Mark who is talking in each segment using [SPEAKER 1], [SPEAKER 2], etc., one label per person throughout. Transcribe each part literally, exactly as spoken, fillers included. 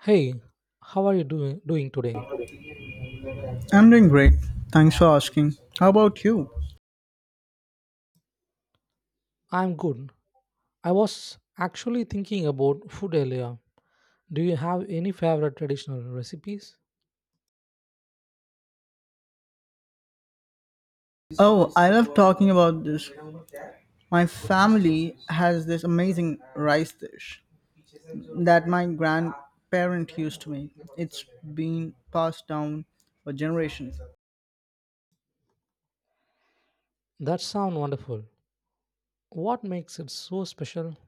[SPEAKER 1] Hey, how are you doing doing today?
[SPEAKER 2] I'm doing great. Thanks for asking. How about you?
[SPEAKER 1] I'm good. I was actually thinking about food earlier. Do you have any favorite traditional recipes?
[SPEAKER 2] Oh, I love talking about this. My family has this amazing rice dish that my grandparent used to make. It's been passed down for generations.
[SPEAKER 1] That sound wonderful. What makes it so special?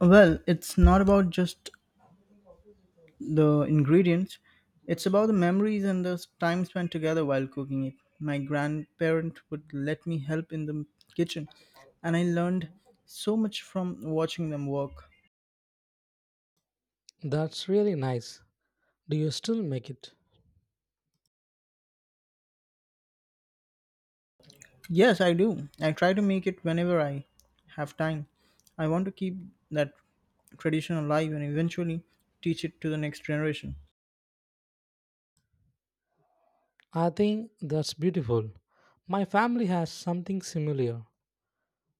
[SPEAKER 2] Well, it's not about just the ingredients, it's about the memories and the time spent together while cooking it. My grandparent would let me help in the kitchen, and I learned so much from watching them work.
[SPEAKER 1] That's really nice. Do you still make it?
[SPEAKER 2] Yes, I do. I try to make it whenever I have time. I want to keep that tradition alive and eventually teach it to the next generation.
[SPEAKER 1] I think that's beautiful. My family has something similar.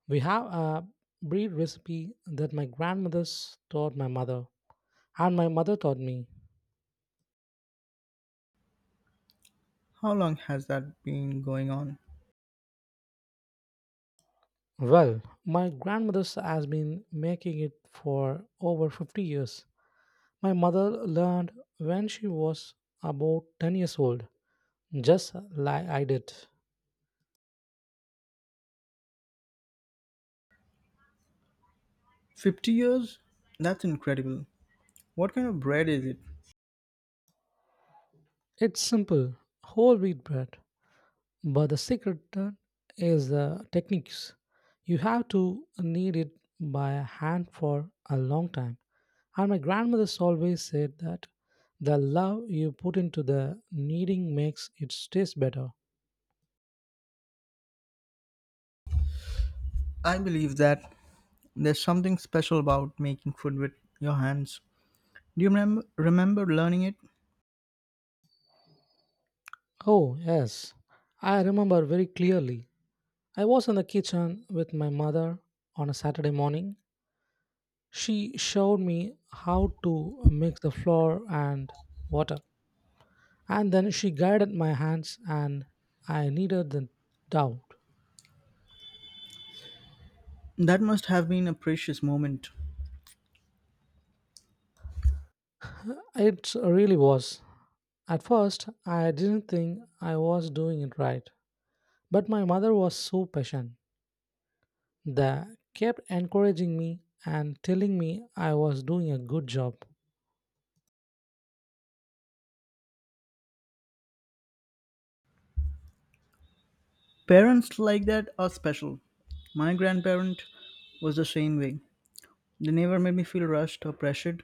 [SPEAKER 1] We have a bread recipe that my grandmother taught my mother, and my mother taught me.
[SPEAKER 2] How long has that been going on?
[SPEAKER 1] Well, my grandmother has been making it for over fifty years. My mother learned when she was about ten years old, just like I did.
[SPEAKER 2] fifty years? That's incredible. What kind of bread is it?
[SPEAKER 1] It's simple, whole wheat bread, but the secret uh, is the techniques. You have to knead it by hand for a long time. And my grandmother always said that the love you put into the kneading makes it taste better.
[SPEAKER 2] I believe that there's something special about making food with your hands. Do you remember, remember learning it?
[SPEAKER 1] Oh, yes. I remember very clearly. I was in the kitchen with my mother on a Saturday morning. She showed me how to mix the flour and water, and then she guided my hands, and I needed the doubt.
[SPEAKER 2] That must have been a precious moment.
[SPEAKER 1] It really was. At first, I didn't think I was doing it right, but my mother was so patient that kept encouraging me and telling me I was doing a good job.
[SPEAKER 2] Parents like that are special. My grandparent was the same way. They never made me feel rushed or pressured.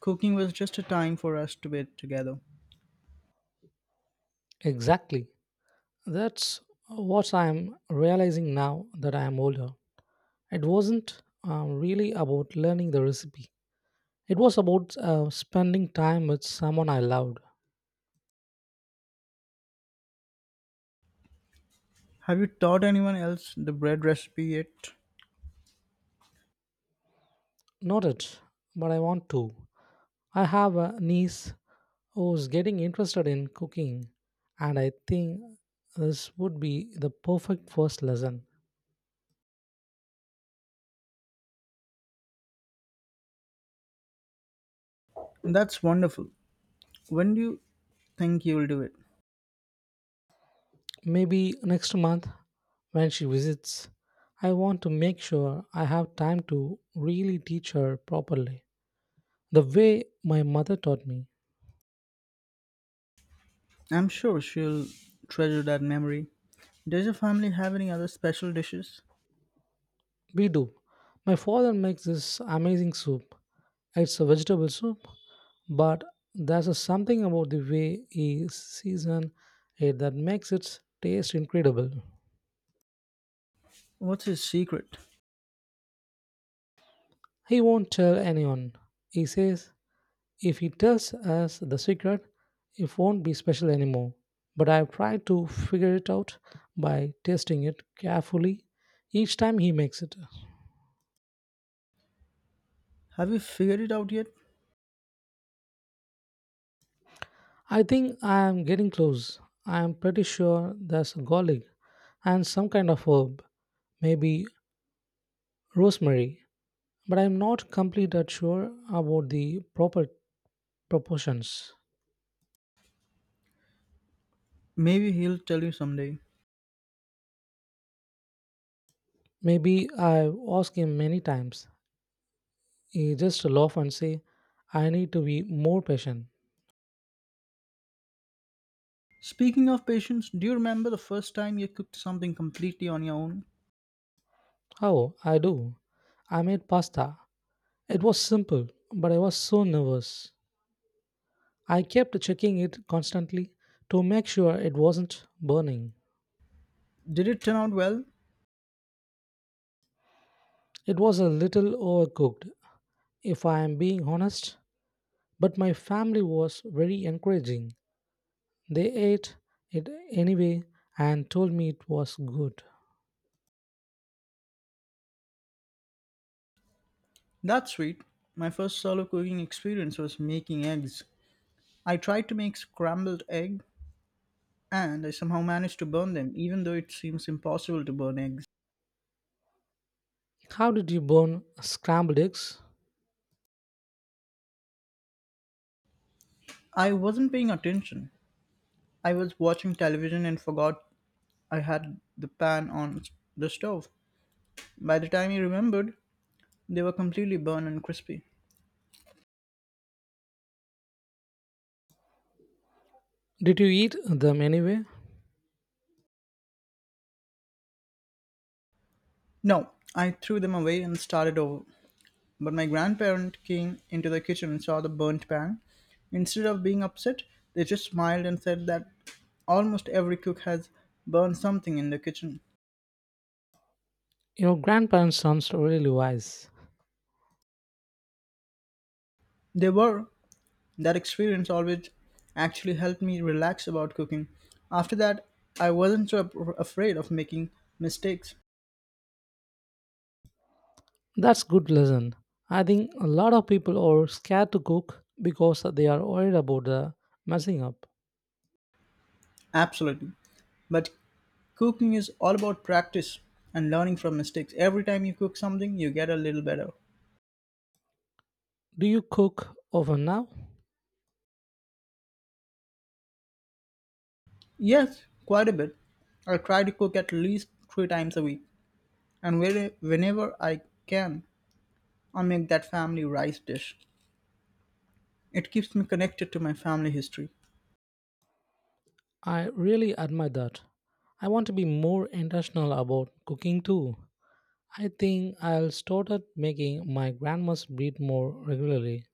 [SPEAKER 2] Cooking was just a time for us to be together.
[SPEAKER 1] Exactly. That's what I'm realizing now that I am older. It wasn't um, really about learning the recipe, it was about uh, spending time with someone I loved.
[SPEAKER 2] Have you taught anyone else the bread recipe yet?
[SPEAKER 1] Not it, but I want to. I have a niece who's getting interested in cooking, and I think this would be the perfect first lesson.
[SPEAKER 2] That's wonderful. When do you think you'll do it?
[SPEAKER 1] Maybe next month when she visits, I want to make sure I have time to really teach her properly, the way my mother taught me.
[SPEAKER 2] I'm sure she'll treasure that memory. Does your family have any other special dishes?
[SPEAKER 1] We do. My father makes this amazing soup. It's a vegetable soup, but there's a something about the way he seasons it that makes it taste incredible.
[SPEAKER 2] What's his secret?
[SPEAKER 1] He won't tell anyone. He says if he tells us the secret, it won't be special anymore. But I've tried to figure it out by tasting it carefully each time he makes it.
[SPEAKER 2] Have you figured it out yet?
[SPEAKER 1] I think I am getting close. I am pretty sure there's garlic and some kind of herb, maybe rosemary, but I'm not completely sure about the proper proportions.
[SPEAKER 2] Maybe he'll tell you someday.
[SPEAKER 1] Maybe. I've asked him many times. He just laugh and say, I need to be more patient.
[SPEAKER 2] Speaking of patience, do you remember the first time you cooked something completely on your own?
[SPEAKER 1] Oh, I do. I made pasta. It was simple, but I was so nervous. I kept checking it constantly to make sure it wasn't burning.
[SPEAKER 2] Did it turn out well?
[SPEAKER 1] It was a little overcooked, if I am being honest, but my family was very encouraging. They ate it anyway and told me it was good.
[SPEAKER 2] That's sweet. My first solo cooking experience was making eggs. I tried to make scrambled egg and I somehow managed to burn them, even though it seems impossible to burn eggs.
[SPEAKER 1] How did you burn scrambled eggs?
[SPEAKER 2] I wasn't paying attention. I was watching television and forgot I had the pan on the stove. By the time I remembered, they were completely burned and crispy.
[SPEAKER 1] Did you eat them anyway?
[SPEAKER 2] No, I threw them away and started over. But my grandparent came into the kitchen and saw the burnt pan. Instead of being upset, they just smiled and said that almost every cook has burned something in the kitchen.
[SPEAKER 1] Your grandparents sounds really wise.
[SPEAKER 2] They were. That experience always actually helped me relax about cooking. After that, I wasn't so ap- afraid of making mistakes.
[SPEAKER 1] That's good lesson. I think a lot of people are scared to cook because they are worried about the messing up.
[SPEAKER 2] Absolutely. But cooking is all about practice and learning from mistakes. Every time you cook something, you get a little better.
[SPEAKER 1] Do you cook often now?
[SPEAKER 2] Yes, quite a bit. I try to cook at least three times a week, and where- whenever I can, I make that family rice dish. It keeps me connected to my family history.
[SPEAKER 1] I really admire that. I want to be more intentional about cooking too. I think I'll start at making my grandma's bread more regularly.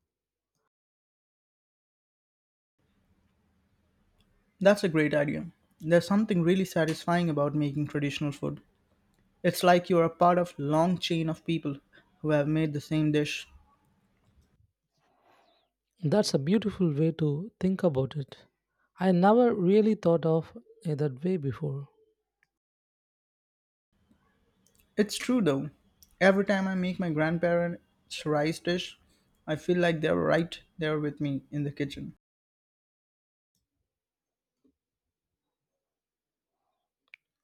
[SPEAKER 2] That's a great idea. There's something really satisfying about making traditional food. It's like you're a part of long chain of people who have made the same dish.
[SPEAKER 1] That's a beautiful way to think about it. I never really thought of it that way before.
[SPEAKER 2] It's true though. Every time I make my grandparents' rice dish, I feel like they're right there with me in the kitchen.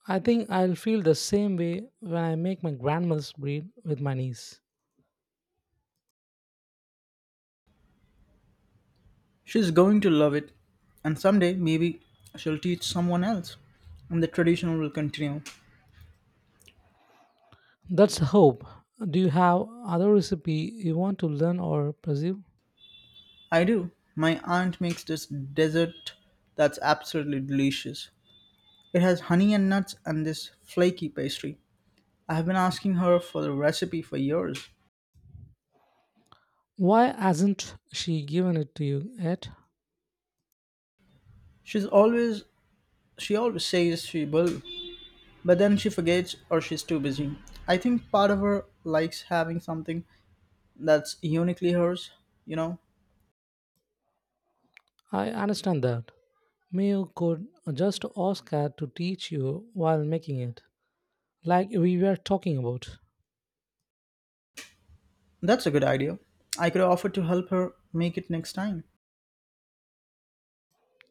[SPEAKER 1] I think I'll feel the same way when I make my grandma's bread with my niece.
[SPEAKER 2] She's going to love it, and someday maybe she'll teach someone else, and the tradition will continue.
[SPEAKER 1] That's the hope. Do you have other recipe you want to learn or pursue?
[SPEAKER 2] I do. My aunt makes this dessert that's absolutely delicious. It has honey and nuts and this flaky pastry. I have been asking her for the recipe for years.
[SPEAKER 1] Why hasn't she given it to you yet?
[SPEAKER 2] She's always she always says she will, but then she forgets or she's too busy. I think part of her likes having something that's uniquely hers, you know.
[SPEAKER 1] I understand that. Mayo could just ask her to teach you while making it, like we were talking about.
[SPEAKER 2] That's a good idea. I could offer to help her make it next time.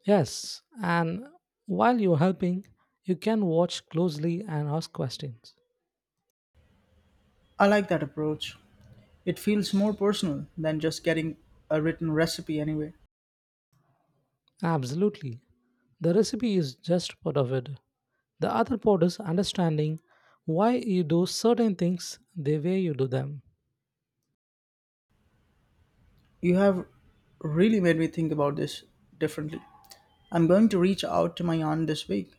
[SPEAKER 1] Yes, and while you're helping, you can watch closely and ask questions.
[SPEAKER 2] I like that approach. It feels more personal than just getting a written recipe anyway.
[SPEAKER 1] Absolutely. The recipe is just part of it. The other part is understanding why you do certain things the way you do them.
[SPEAKER 2] You have really made me think about this differently. I'm going to reach out to my aunt this week.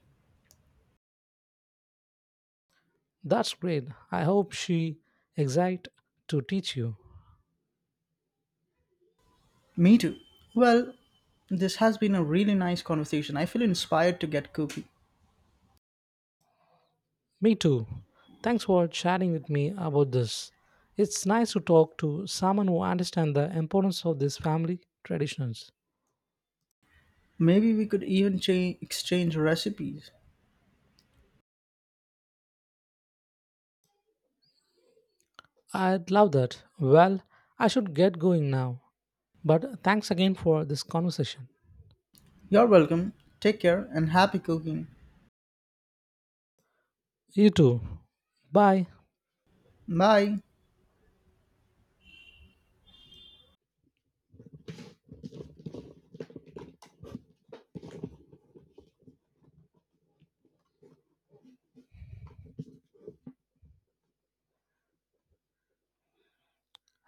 [SPEAKER 1] That's great. I hope she exact to teach you.
[SPEAKER 2] Me too. Well, this has been a really nice conversation. I feel inspired to get cooking.
[SPEAKER 1] Me too. Thanks for chatting with me about this. It's nice to talk to someone who understands the importance of these family traditions.
[SPEAKER 2] Maybe we could even cha- exchange recipes.
[SPEAKER 1] I'd love that. Well, I should get going now. But thanks again for this conversation.
[SPEAKER 2] You're welcome. Take care and happy cooking.
[SPEAKER 1] You too. Bye.
[SPEAKER 2] Bye.